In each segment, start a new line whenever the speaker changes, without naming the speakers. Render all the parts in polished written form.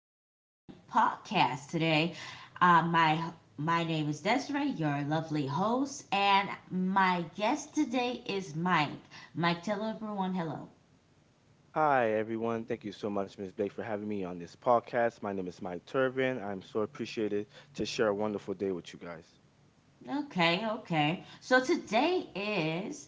Sunshine Podcast today. Uh, my my name is Desiree, your lovely host, and my guest today is Mike. Mike, tell everyone hello.
Hi, everyone. Thank you so much, Ms. Blake, for having me on this podcast. My name is Mike Turvin. I'm so appreciated to share a wonderful day with you guys.
Okay, okay. So today is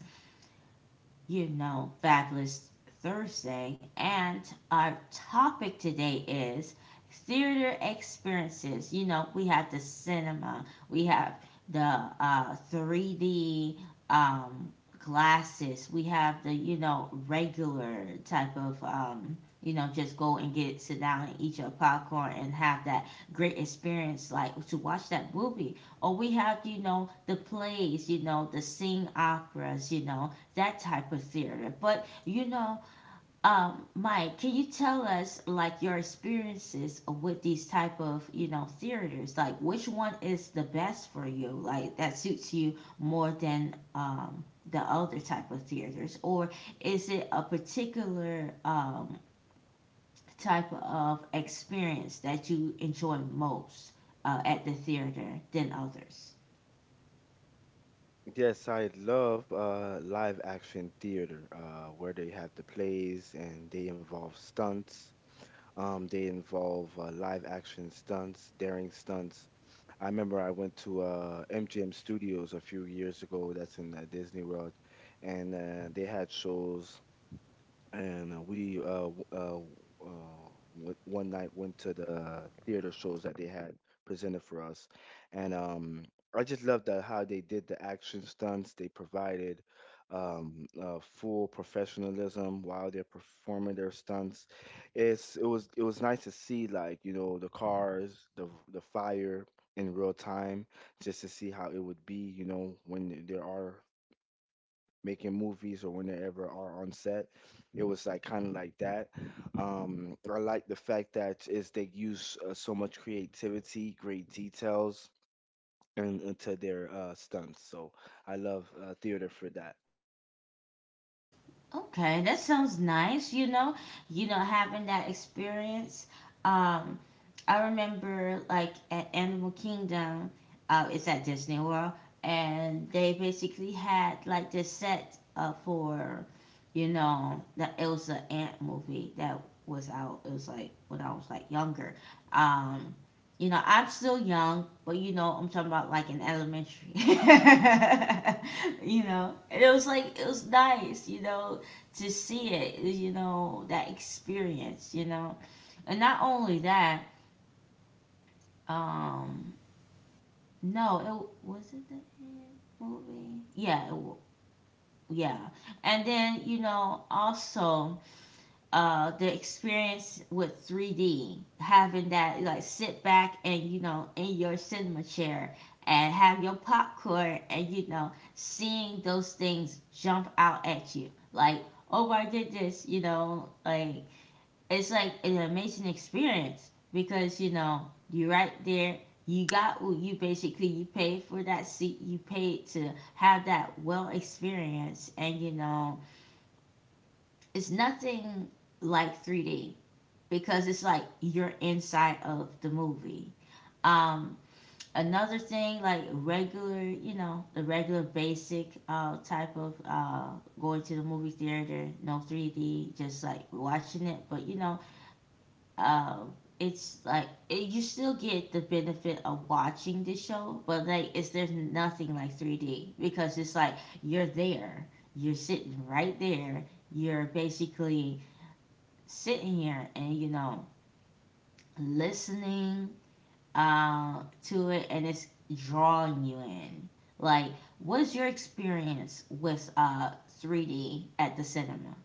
Fabulous Thursday. And our topic today is theater experiences. We have the cinema, we have the 3D um, glasses, we have the, regular type of, just go and get, sit down and eat your popcorn and have that great experience, like to watch that movie. Or we have, the plays, the sing operas, that type of theater. But Mike, can you tell us like your experiences with these type of theaters? Like, which one is the best for you? Like that suits you more than the other type of theaters, or is it a particular type of experience that you enjoy most at the theater than others?
Yes, I love live action theater where they have the plays and they involve stunts. They involve live action stunts, daring stunts. I remember I went to MGM Studios a few years ago, that's in Disney World, and they had shows and we w- w- uh, w- one night went to the theater shows that they had presented for us, and I just loved how they did the action stunts. They provided full professionalism while they're performing their stunts. It's it was nice to see, like, you know, the cars, the fire in real time, just to see how it would be, you know, when there are making movies or whenever are on set. It was like kind of like that. I like the fact that is they use so much creativity, great details, and into their stunts. So I love theater for that.
Okay, that sounds nice. Having that experience. Um, I remember like at Animal Kingdom, it's at Disney World, and they basically had like this set for, the Elsa Ant movie that was out. It was like when I was like younger. Um, I'm still young, but I'm talking about like in elementary. And it was like it was nice. To see it, that experience. And not only that, um, no, it was it the It movie. Yeah, yeah. And then also the experience with 3D, having that, like, sit back and in your cinema chair and have your popcorn and seeing those things jump out at you like, oh, I did this, like, it's like an amazing experience because you're right there. You got what you basically you paid for that seat. You paid to have that well experience, and it's nothing like 3D because it's like you're inside of the movie. um Another thing, like regular, the regular basic type of going to the movie theater, no 3D, just like watching it. But um it's like it, you still get the benefit of watching the show, but like it's there's nothing like 3D because it's like you're there. You're sitting right there. You're basically sitting here and listening to it, and it's drawing you in. Like, what's your experience with 3D at the cinema?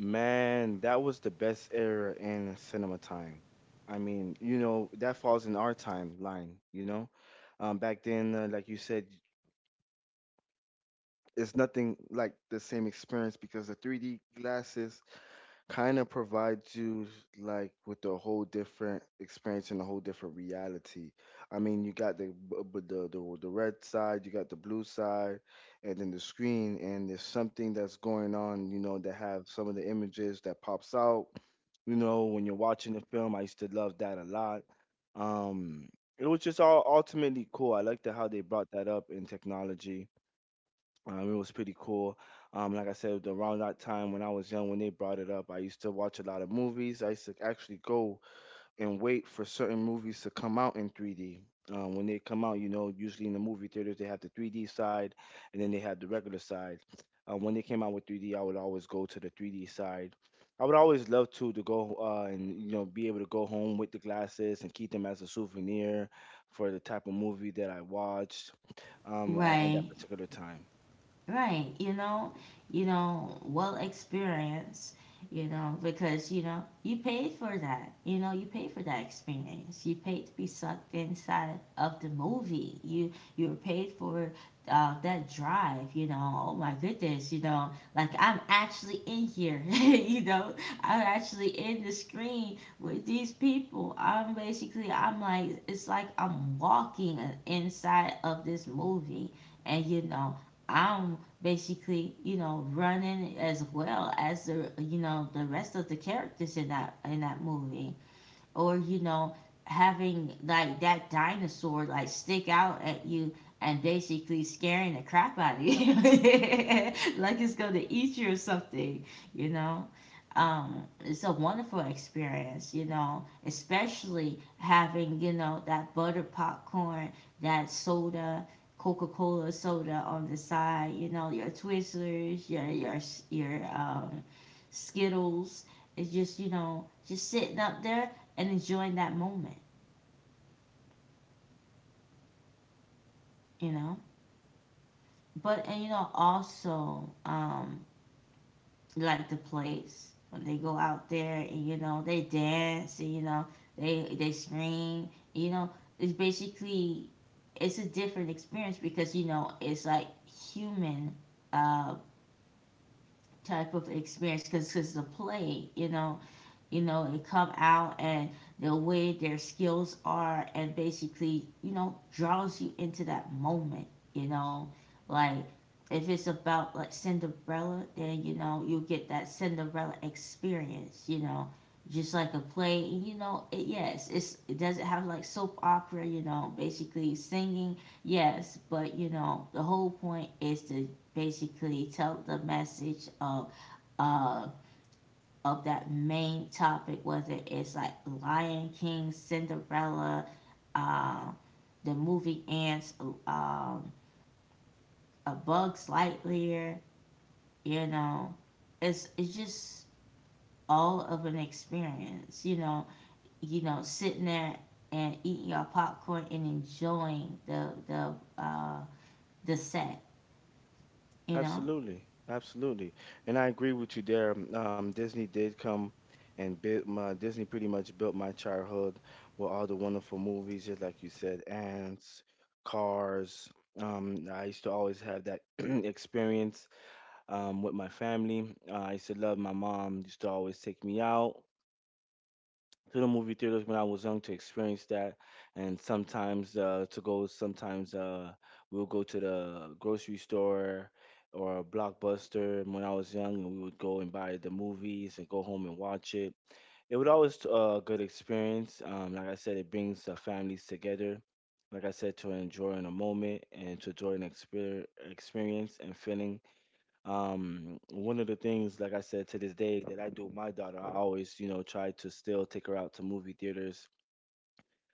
Man, that was the best era in cinema time. I mean, you know, that falls in our timeline, you know? Back then, like you said, it's nothing like the same experience because the 3D glasses kind of provides you like with a whole different experience and a whole different reality. I mean, you got the b- b- the red side, you got the blue side, and then the screen, and there's something that's going on. You know, that have some of the images that pops out. You know, when you're watching the film, I used to love that a lot. Um, it was just all ultimately cool. I liked how they brought that up in technology. It was pretty cool. Like I said, around that time when I was young, when they brought it up, I used to watch a lot of movies. I used to actually go and wait for certain movies to come out in 3D. When they come out, you know, usually in the movie theaters, they have the 3D side and then they have the regular side. When they came out with 3D, I would always go to the 3D side. I would always love to go and, you know, be able to go home with the glasses and keep them as a souvenir for the type of movie that I watched at that
right
particular time.
Right. Well experienced, because you paid for that. You know, you paid for that experience. You paid to be sucked inside of the movie. You were paid for that drive, you know. Oh my goodness, like I'm actually in here. I'm actually in the screen with these people. I'm like it's like I'm walking inside of this movie, and I'm basically running as well as the, the rest of the characters in that movie, or having like that dinosaur like stick out at you and basically scaring the crap out of you like it's going to eat you or something you know it's a wonderful experience, especially having, that buttered popcorn, that soda, Coca Cola soda on the side, your Twizzlers, your Skittles. It's just, just sitting up there and enjoying that moment, you know. But and also like the place when they go out there and they dance and they scream. It's basically it's a different experience because it's like human, uh, type of experience because it's a play, and come out, and the way their skills are, and basically, draws you into that moment, you know. Like, if it's about like Cinderella, then you'll get that Cinderella experience. Just like a play, and yes, it doesn't have like soap opera, basically singing, yes, but the whole point is to basically tell the message of uh that main topic, whether it's like Lion King, Cinderella, uh, the movie Ants, um, A Bug's Lightyear, you know, it's just all of an experience, sitting there and eating your popcorn and enjoying the set, you know.
Absolutely, absolutely, and I agree with you there. Disney did come and built my Disney pretty much built my childhood with all the wonderful movies, just like you said, Ants, Cars. I used to always have that experience with my family. I used to love my mom. Used to always take me out to the movie theaters when I was young to experience that, and sometimes to go. Sometimes we'll go to the grocery store or Blockbuster when I was young, and we would go and buy the movies and go home and watch it. It was always a good experience. Like I said, it brings the families together. Like I said, to enjoy in a moment and to enjoy an experience and feeling. One of the things, like I said, to this day that I do with my daughter, I always, you know, try to still take her out to movie theaters,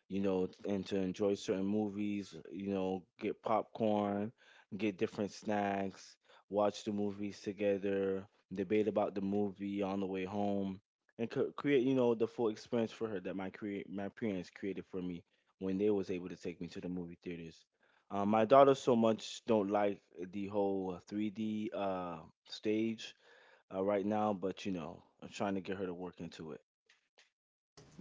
you know, and to enjoy certain movies, you know, get popcorn, get different snacks, watch the movies together, debate about the movie on the way home, and create, you know, the full experience for her that my parents created for me when they was able to take me to the movie theaters. My daughter so much don't like the whole 3D stage right now, but you know, I'm trying to get her to work into it.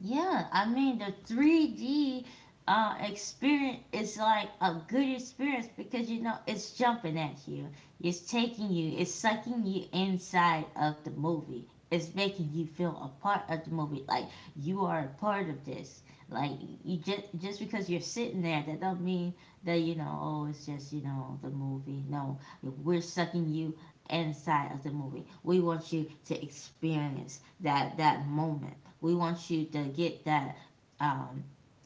Yeah, I mean the 3D experience is like a good experience because it's jumping at you, it's taking you, it's sucking you inside of the movie, it's making you feel a part of the movie, like you are a part of this. Like, you just because you're sitting there, that don't mean that oh, it's just the movie. No, we're sucking you inside of the movie. We want you to experience that moment. We want you to um,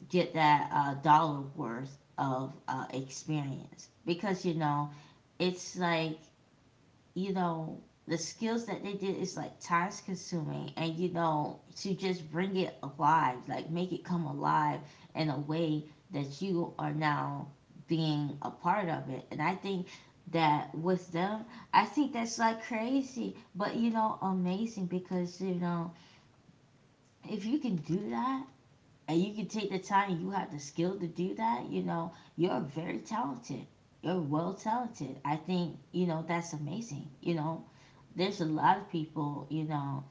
get that dollar worth of experience because it's like, you know the skills that they did is like time consuming, and to just bring it alive, like make it come alive in a way that you are now being a part of it. And I think that with them, I think that's like crazy, but amazing, because if you can do that, and you can take the time, you have the skill to do that, you're very talented. You're well talented. I think, that's amazing. There's a lot of people,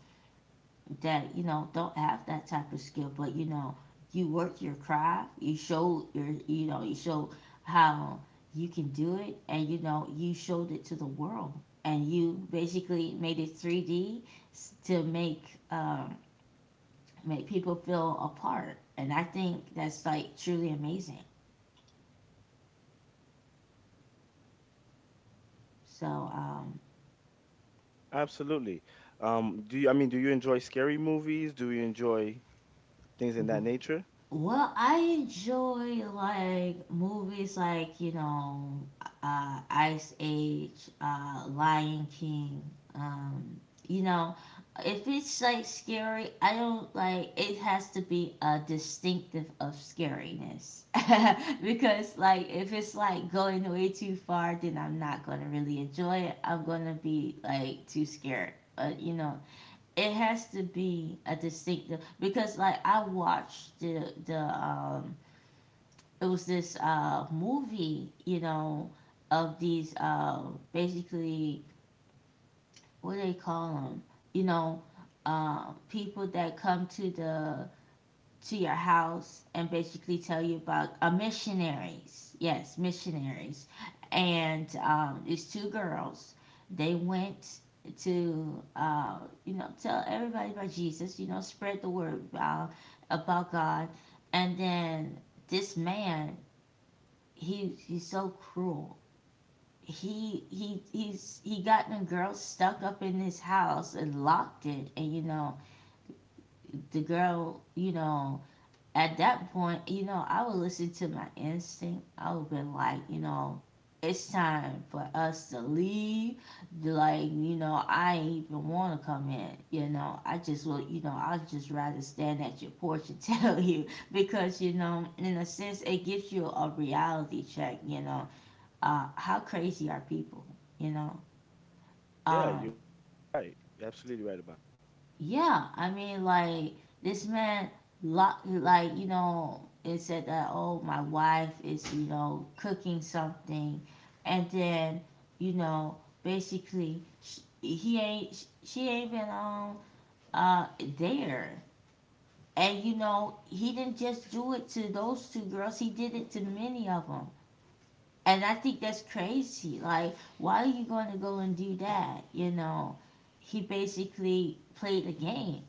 that don't have that type of skill, but you work your craft. You show your, you show how you can do it, and you showed it to the world, and you basically made it 3D to um, make people feel a part. And I think that's like truly amazing. So um,
Absolutely. Do you, I mean, do you enjoy scary movies? Do you enjoy things in that nature?
Well, I enjoy like movies like, Ice Age, Lion King. Um, you know, if it's like scary, I don't like. It has to be a distinctive of scariness, because like if it's like going way too far, then I'm not gonna really enjoy it. I'm gonna be like too scared. It has to be a distinctive because like I watched the it was this movie, of these, basically, what do they call them, you know people that come to the to your house and basically tell you about, missionaries. Yes, missionaries. And these two girls, they went to, tell everybody about Jesus, spread the word about God. And then this man, he's so cruel. He got the girl stuck up in his house and locked it, and the girl, at that point, I would listen to my instinct. I would been like, it's time for us to leave. Like, I ain't even want to come in. I just will, I'd just rather stand at your porch and tell you because, in a sense, it gives you a reality check, how crazy are people, you know?
Yeah, you're
Um,
right. You're absolutely right about
Yeah, I mean, like this man, like, it said that, oh, my wife is cooking something, and then you know basically sh he ain't sh- she ain't been on uh there, and he didn't just do it to those two girls, he did it to many of them, and I think that's crazy. Like, why are you going to go and do that? He basically played a game.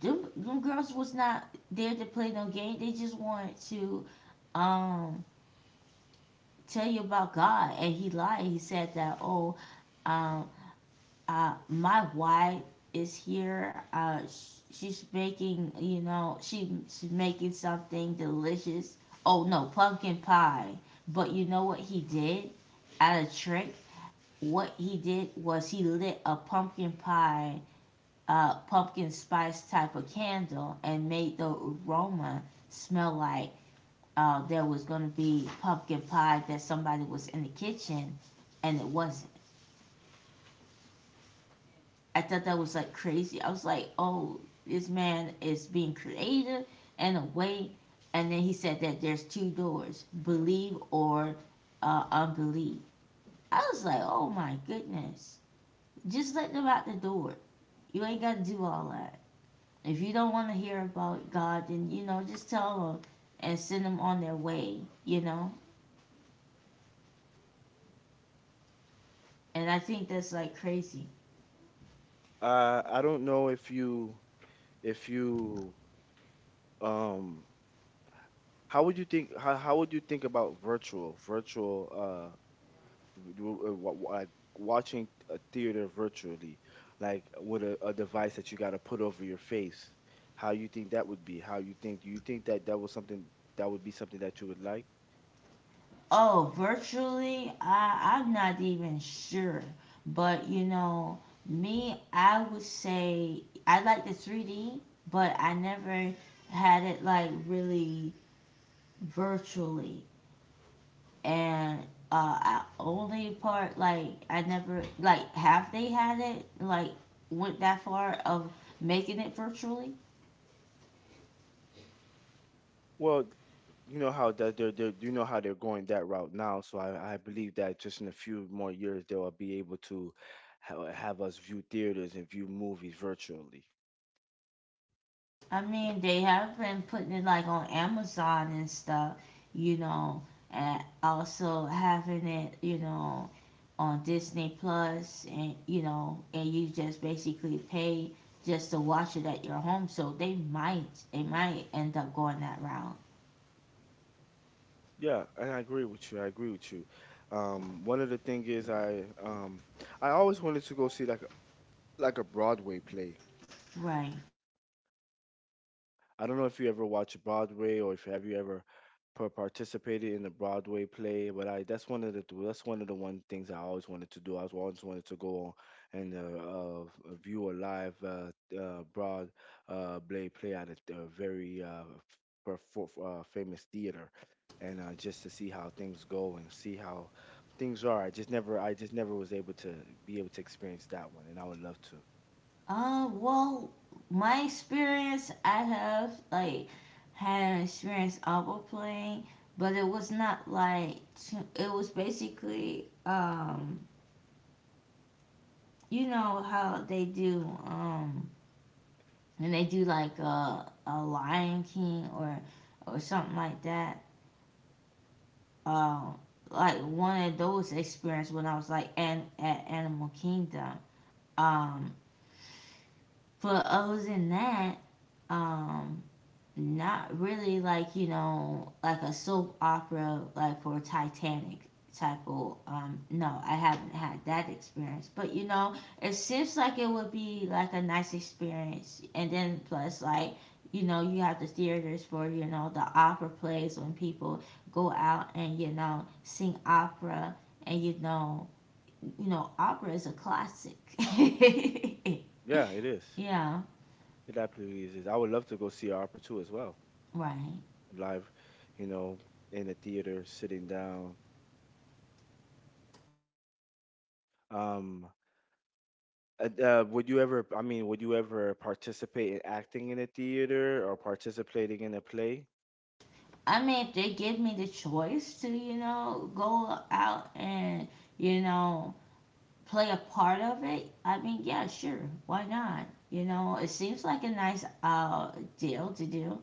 Them girls was not there to play no game. They just wanted to um tell you about God. And he lied. He said that, oh, um, my wife is here. She's making, she's making something delicious. Oh no, pumpkin pie. But you know what he did? Out of trick, what he did was he lit a pumpkin spice type of candle and made the aroma smell like there was going to be pumpkin pie, that somebody was in the kitchen, and it wasn't. I thought that was like crazy. I was like, oh, this man is being creative in a way. And then he said that there's two doors, believe or unbelieve. I was like, oh my goodness. Just let them out the door. You ain't got to do all that. If you don't want to hear about God, then just tell them and send them on their way, you know? And I think that's like crazy.
it. I don't know if you, um, how would you think, how would you think about virtual, uh, like watching a theater virtually, like with a device that you got to put over your face? How you think that would be? Do you think that that was something that would be something that you would like?
Oh, virtually, I'm not even sure, but you know, me, I would say I like the 3D, but I never had it like really virtually. And I only part like I never like have they had it like went that far of making it virtually.
Well, you know how that they're, you know how they're going that route now. So I believe that just in a few more years they'll be able to have us view theaters and view movies virtually.
I mean, they have been putting it like on Amazon and stuff, you know, and also having it, you know, on Disney Plus, and you know, and you just basically pay just to watch it at your home. So they might end up going that route,
Yeah, and I agree with you. I agree with you. One of the thing is I always wanted to go see like a Broadway play.
right?
I don't know if you ever watched Broadway or if have you ever participated in a Broadway play, but I that's one of the that's one of the one things I always wanted to do. I was always wanted to go on and view a live Broadway play at a very f- perfor famous theater, and just to see how things go and see how things are. I just never was able to be able to experience that one, and I would love to.
Well, my experience, I have like had an experience oboe playing, but it was not like it was basically you know how they do when they do like a Lion King or something like that. Um, like one of those experience when I was like an, at Animal Kingdom. Um, but other than that, um, not really like you know like a soap opera like for Titanic type of no I haven't had that experience, but you know it seems like it would be like a nice experience. And then plus like you know you have the theaters for you know the opera plays when people go out and you know sing opera and you know, you know opera is a classic.
Yeah, it is.
Yeah,
It absolutely is. I would love to go see opera too as well.
right.
Live, you know, in a theater, sitting down. Um, would you ever? I mean, would you ever participate in acting in a theater or participating in a play?
I mean, if they give me the choice to, you know, go out and, you know, play a part of it, I mean, yeah, sure, why not? You know, it seems like a nice deal to do.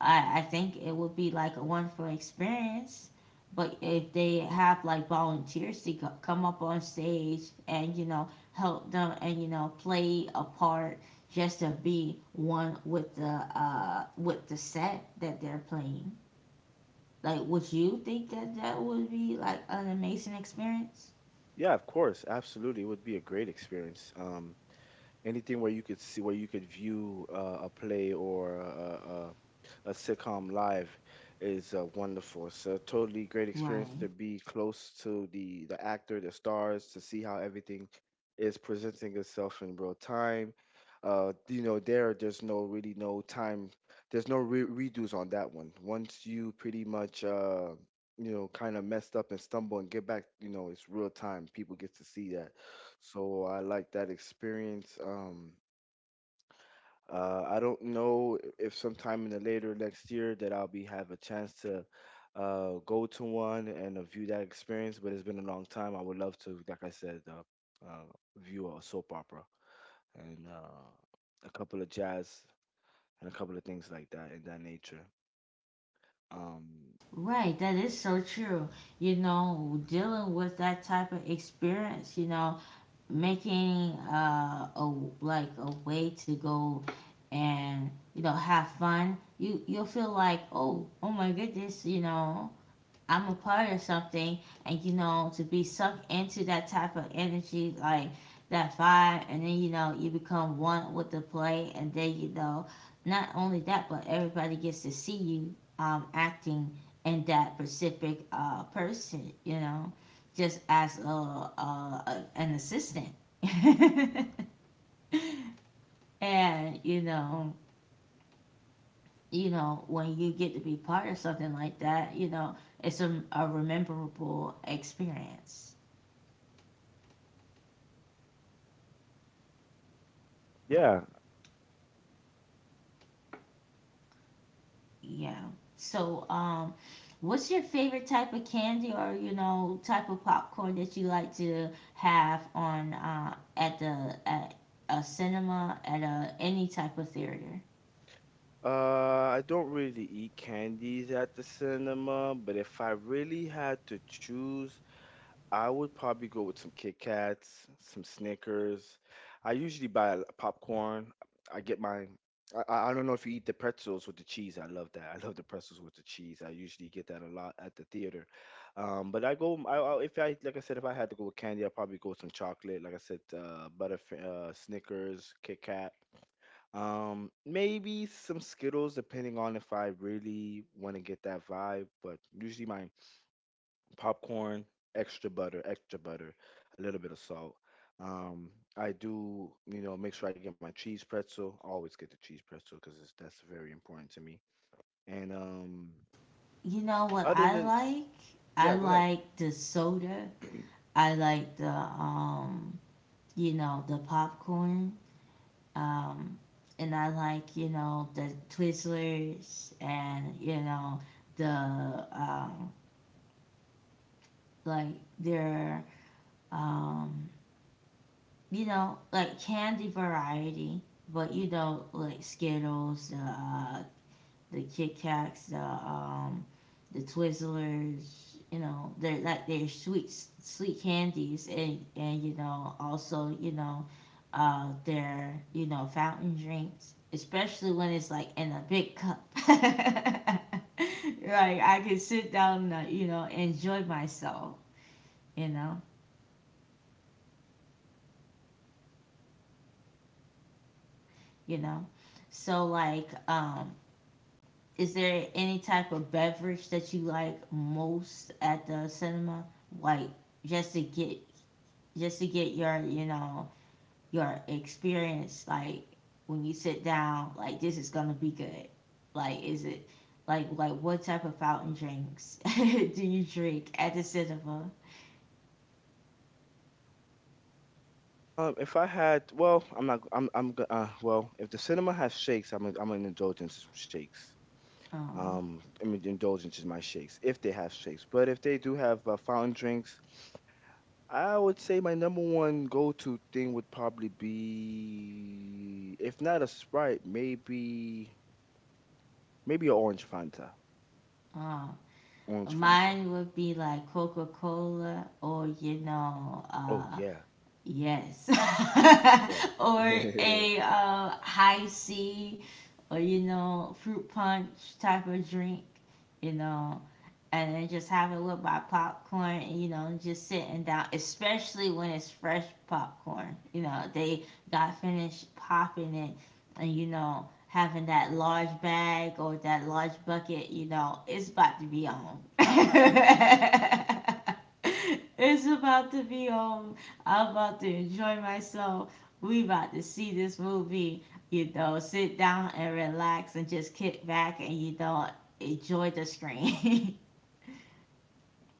I think it would be like a wonderful experience. But if they have like volunteers to come up on stage and, you know, help them and, you know, play a part just to be one with the set that they're playing. Like, would you think that that would be like an amazing experience?
Yeah, of course, absolutely. It would be a great experience. Anything where you could see where you could view a play or a sitcom live is wonderful. It's a totally great experience
Right.
to be close to the actor, the stars, to see how everything is presenting itself in real time. You know, there's no really no time, there's no redos on that one. Once you pretty much you know kind of messed up and stumble and get back, you know, it's real time. People get to see that. So I like that experience. I don't know if sometime in the later next year that I'll be have a chance to go to one and view that experience, but it's been a long time. I would love to, like I said, uh, view a soap opera and a couple of jazz and a couple of things like that in that nature. Um,
Right, that is so true. You know, dealing with that type of experience, you know, making a like a way to go and you know have fun. You you'll feel like, "Oh, oh my goodness, you know, I'm a part of something and you know to be sucked into that type of energy like that vibe. And then you know you become one with the play. And then you know not only that, but everybody gets to see you acting in that specific person, you know, just as a an assistant. And you know, when you get to be part of something like that, you know, it's a rememberable experience.
yeah,
Yeah. So, what's your favorite type of candy or you know type of popcorn that you like to have on at the at a cinema at a any type of theater?
I don't really eat candies at the cinema, but if I really had to choose I would probably go with some Kit Kats, some Snickers. I usually buy popcorn. I get my. I I don't know if you eat the pretzels with the cheese. I love that. I love the pretzels with the cheese. I usually get that a lot at the theater. But I go. If I like I said, if I had to go with candy, I'd probably go with some chocolate. Like I said, Snickers, Kit Kat. Maybe some Skittles, depending on if I really want to get that vibe. But usually, my popcorn, extra butter, a little bit of salt. Um, I do, you know, make sure I get my cheese pretzel. I always get the cheese pretzel because that's very important to me. And
You know what
other
I
than,
like?
yeah,
I
go ahead.
like the soda. I like the you know, the popcorn. Um, and I like you know the Twizzlers and you know the um, like their um, you know like candy variety. But you know like Skittles, the Kit Kats, the Twizzlers. You know, they're like they're sweet candies, and you know also you know, their you know fountain drinks, especially when it's like in a big cup. Like I can sit down, and, you know, enjoy myself. You know, you know. So like is there any type of beverage that you like most at the cinema? Like just to get just to get your, you know, your experience like when you sit down, like this is gonna be good. Like is it like what type of fountain drinks do you drink at the cinema?
If I had, well, I'm not, I'm, go- well, if the cinema has shakes, I'm an indulgence in some shakes.
Oh,
I mean, indulgence is my shakes if they have shakes, but if they do have fountain drinks, I would say my number one go-to thing would probably be, if not a Sprite, maybe an orange Fanta.
oh.
Orange Fanta.
Mine would be like Coca Cola or you know,
Oh
uh.
yeah,
Yes.
yeah.
Or a high C or, you know, fruit punch type of drink, you know, and then just have it with my popcorn. And you know just sitting down especially when it's fresh popcorn, you know they got finished popping it. And you know having that large bag or that large bucket, you know it's about to be on. It's about to be on. I'm about to enjoy myself. We about to see this movie, you know, sit down and relax and just kick back and you know enjoy the screen.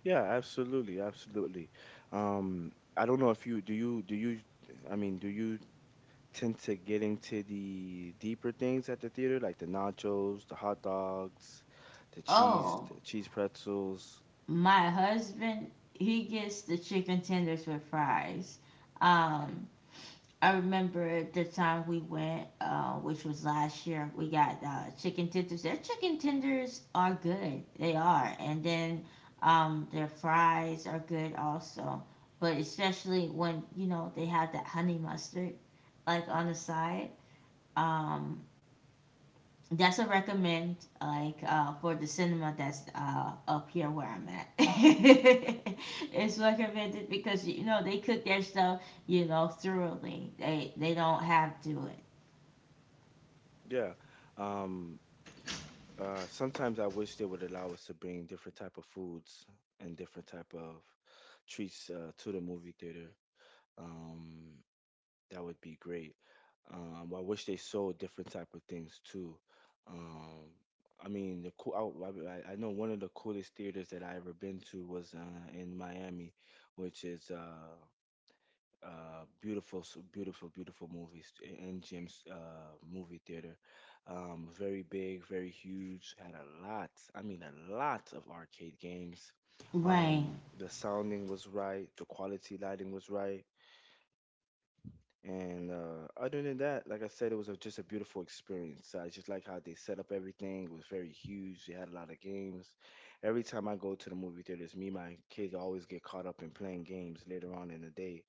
Yeah, absolutely, absolutely. I don't know if you do you do you I mean, do you tend to get into the deeper things at the theater, like the nachos, the hot dogs,
Oh,
the cheese pretzels?
my husband, he gets the chicken tenders with fries. Um, I remember the time we went, which was last year, we got chicken tenders. Their chicken tenders are good. They are. And then their fries are good also. But especially when, you know, they have that honey mustard, like on the side. Um, That's a recommend, like for the cinema that's up here where I'm at. It's recommended because you know they cook their stuff, you know, thoroughly. They don't have to do it.
Yeah. Um, Sometimes I wish they would allow us to bring different type of foods and different type of treats to the movie theater. Um, that would be great. I wish they sold different type of things too. Um, I mean, the cool. I know one of the coolest theaters that I ever been to was in Miami, which is beautiful, so beautiful, beautiful movies. MGM's movie theater, very big, very huge. Had a lot. I mean, a lot of arcade games.
Right.
The sounding was right. The quality lighting was right. And other than that, like I said, it was just a beautiful experience. I just like how they set up everything. It was very huge. They had a lot of games. Every time I go to the movie theaters, me and my kids always get caught up in playing games later on in the day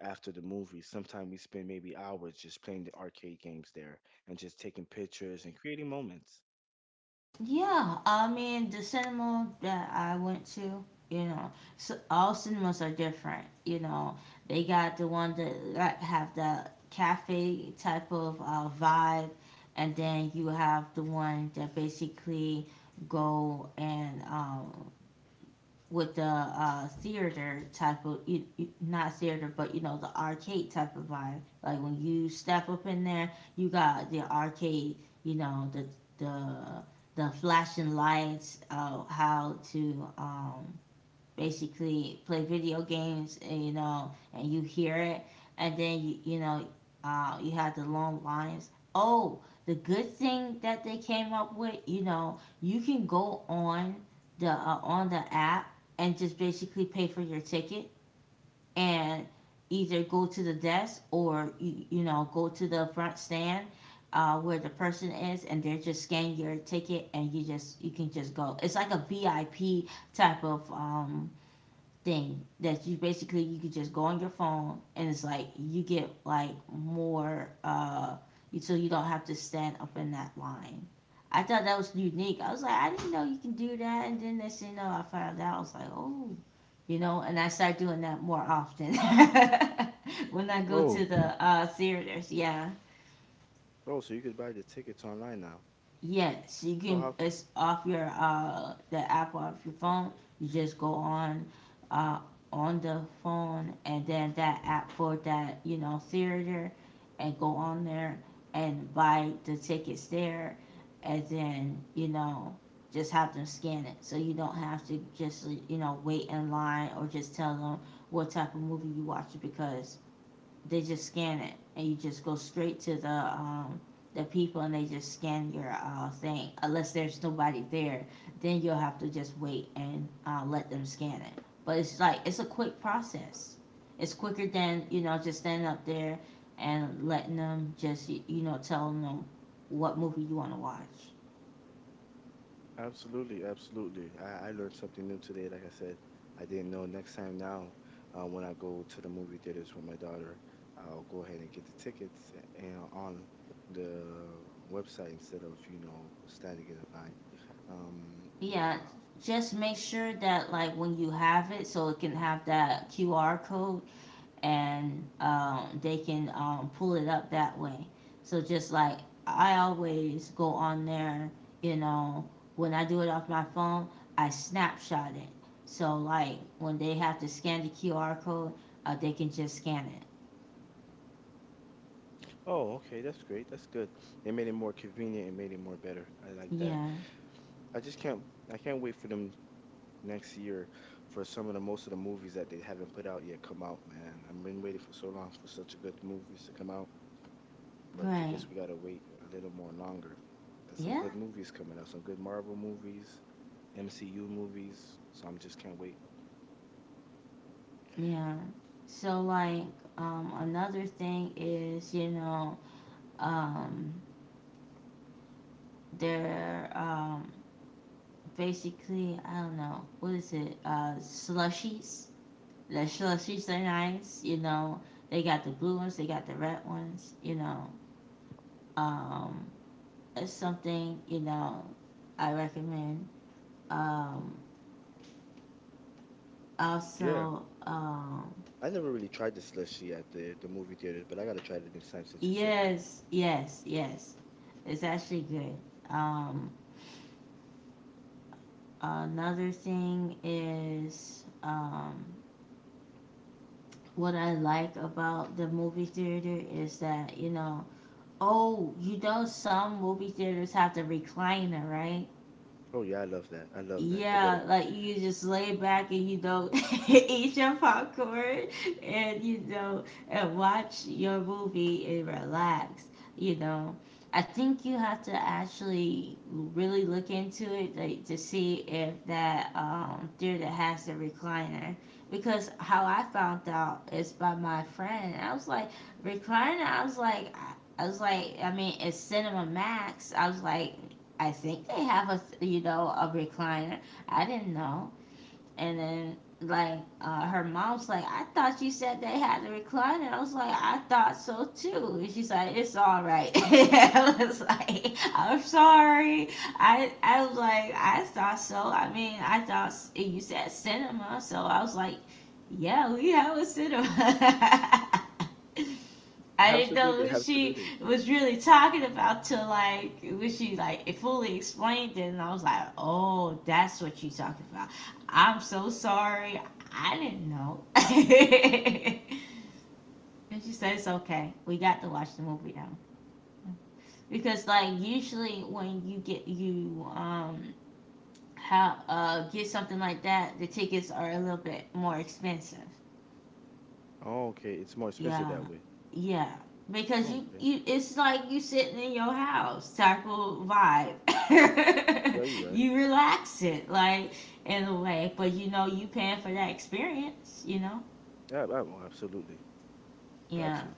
after the movie. Sometimes we spend maybe hours just playing the arcade games there and just taking pictures and creating moments.
Yeah, I mean the cinema that I went to, you know, so all cinemas are different. You know, they got the one that like, have the cafe type of vibe, and then you have the one that basically go and with the theater type of not theater, but you know the arcade type of vibe. Like when you step up in there you got the arcade, you know the the flashing lights how to basically play video games, and, you know, and you hear it, and then you know, you have the long lines. Oh, the good thing that they came up with, you know, you can go on the app and just basically pay for your ticket, and either go to the desk or you know go to the front stand where the person is. And they just scan your ticket and you just you can just go. It's like a vip type of thing that you basically you could just go on your phone, and it's like you get like more so you don't have to stand up in that line. I thought that was unique. I was like, I didn't know you can do that. And then next thing you know, I found out. I was like, oh, you know. And I started doing that more often when I go to
Oh,
the theaters. Yeah.
oh, so you could buy the tickets online now.
Yes, you
Oh,
can.
how?
It's off your the app off your phone. You just go uh, on the phone, and then that app for that you know theater, and go on there and buy the tickets there, and then you know just have them scan it so you don't have to just you know wait in line, or just tell them what type of movie you watching because they just scan it, and you just go straight to the people, and they just scan your thing. Unless there's nobody there, then you'll have to just wait and let them scan it. But it's like it's a quick process. It's quicker than you know just standing up there and letting them just you you know tell them what movie you want to watch.
Absolutely, absolutely. I learned something new today. Like I said, I didn't know. Next time now, when I go to the movie theaters with my daughter, I'll go ahead and get the tickets a- and on the website instead of you know standing in a line. Um,
Yeah,
uh,
just make sure that like when you have it, so it can have that QR code, and they can pull it up that way. So just like I always go on there, you know, when I do it off my phone, I snapshot it. So like when they have to scan the QR code, they can just scan it.
Oh, okay, that's great. That's good. They made it more convenient and made it more better. I like that.
Yeah,
I just can't I can't wait for them next year for some of the most of the movies that they haven't put out yet come out, man. I've been waiting for so long for such a good movies to come out, but I
right.
guess we gotta wait a little more longer. Got some
Yeah,
good movies coming out, some good Marvel movies, MCU movies, so I'm just can't wait.
yeah. So like another thing is you know um, they're basically I don't know what is it slushies. The Shula she's are nice, you know. They got the blue ones, they got the red ones, you know. Um, it's something, you know, I recommend. Um,
Yeah.
also,
I never really tried the slushy at the movie theaters, but I gotta try it next time since you said that.
yes, yes, yes. It's actually good. Um, another thing is what I like about the movie theater is that, you know, oh, you know, some movie theaters have the recliner, right?
Oh yeah, I love that. I love that. They
Yeah,
better.
like you just lay back and you don't eat your popcorn and you know and watch your movie and relax, you know. I think you have to actually really look into it like to see if that theater has the recliner because how I found out is by my friend. I was like recliner, I was like I was like, I mean, it's Cinema Max. I was like, I think they have a you know a recliner. I didn't know. And then like her mom's like, I thought you said they had a recliner. I was like, I thought so too. And she's like, it's all right. I was like, I'm sorry. I was like, I thought so. I mean, you said cinema, so I was like, yeah, we have a cinema. I didn't know
Absolutely,
what she
absolutely.
was really talking about till like when she like it fully explained it, and I was like, "Oh, that's what you talking about." I'm so sorry, I didn't know. And she says, "It's okay. We got to watch the movie now because like usually when you get you how get something like that, the tickets are a little bit more expensive."
Oh, okay. It's more expensive
Yeah,
that way.
yeah. Because
Oh,
you,
okay.
you, it's like you sitting in your house, type of vibe.
Yeah, you're right.
You relax it, like in a way, but you know you paying for that experience. You know,
Yeah, I- oh, absolutely. Got
yeah.
to.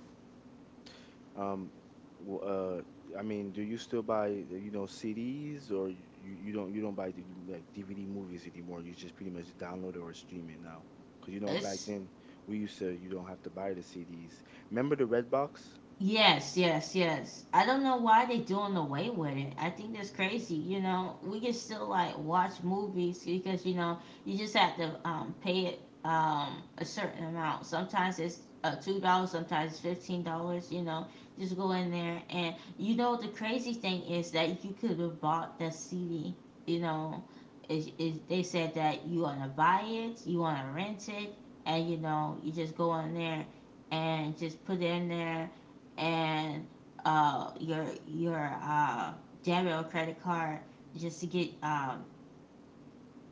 Um, w- uh, I mean, do you still buy, you know, CDs? Or you don't buy the, like, DVD movies anymore? You just pretty much download it or stream it now. Because you know, back
It's
then we used to you don't have to buy the CDs. Remember the Redbox?
Yes, yes, yes. I don't know why they doing away with it. I think that's crazy. You know, we can still like watch movies because you know you just have to pay it a certain amount. Sometimes it's $2, sometimes it's $15. You know, just go in there and you know the crazy thing is that you could have bought the CD. You know, is they said that you wanna buy it, you wanna rent it, and you know you just go in there and just put it in there and your debit or credit card just to get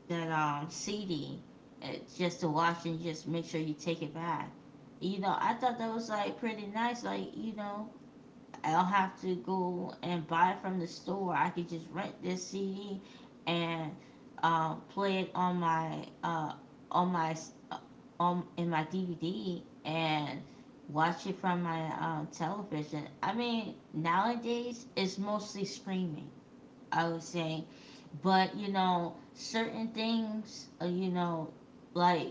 that CD, uh, just to watch and just make sure you take it back. You know, I thought that was like pretty nice. Like you know, I don't have to go and buy it from the store. I could just rent this CD and play it on my uh, on in my DVD and watch it from my television. I mean, nowadays it's mostly streaming. I would say, but you know, certain things, you know, like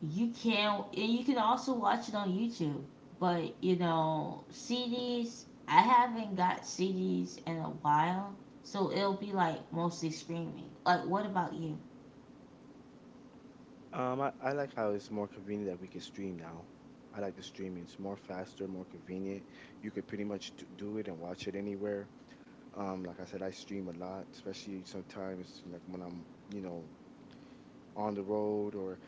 you can, and you can also watch it on YouTube. But you know, CDs. I haven't got CDs in a while, so it'll be like mostly streaming. Like, what about you?
I like how it's more convenient that we could stream now. I like the streaming. It's more faster, more convenient. You could pretty much do it and watch it anywhere. Like I said, I stream a lot, especially sometimes like when I'm, you know, on the road or,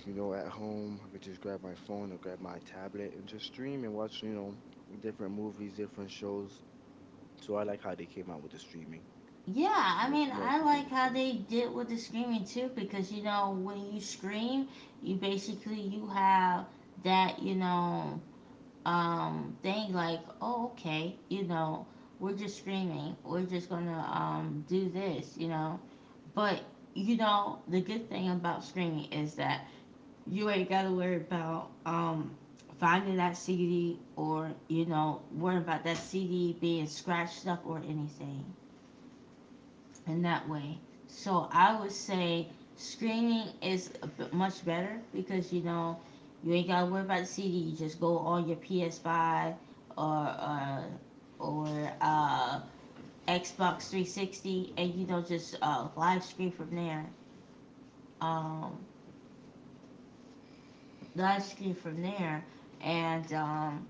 you know, at home. I could just grab my phone or grab my tablet and just stream and watch, you know, different movies, different shows. So I like how they came out with the streaming.
Yeah,
It's
I mean,
more
I like
convenient
how
for
they
us.
did with the screaming too, because you know, when you scream, you basically you have that you know thing like, oh okay, you know, we're just screaming, we're just gonna do this, you know. But you know, the good thing about streaming is that you ain't gotta worry about finding that CD or you know worrying about that CD being scratched up or anything in that way. So I would say streaming is a bit much better because you know you ain't gotta worry about the CD. You just go on your PS5 or uh, or uh, Xbox 360 and you know just live stream from there. Um, Live stream from there and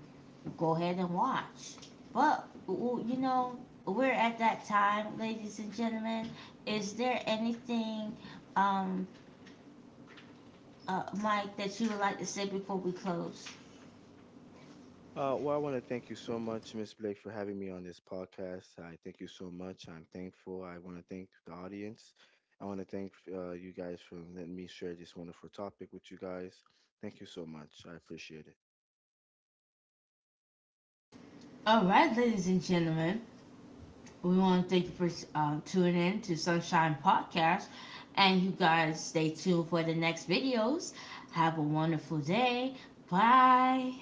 go ahead and watch. But you know, we're at that time, ladies and gentlemen. Is there anything, um, Mike, that you would like to say before we close?
Well, I want to thank you so much, Miss Blake, for having me on this podcast. I thank you so much. I'm thankful. I want to thank the audience. I want to thank you guys for letting me share this wonderful topic with you guys. Thank you so much. I appreciate it.
All right, ladies and gentlemen, we want to thank you for tuning in to Sunshine Podcast, and you guys stay tuned for the next videos. Have a wonderful day. Bye.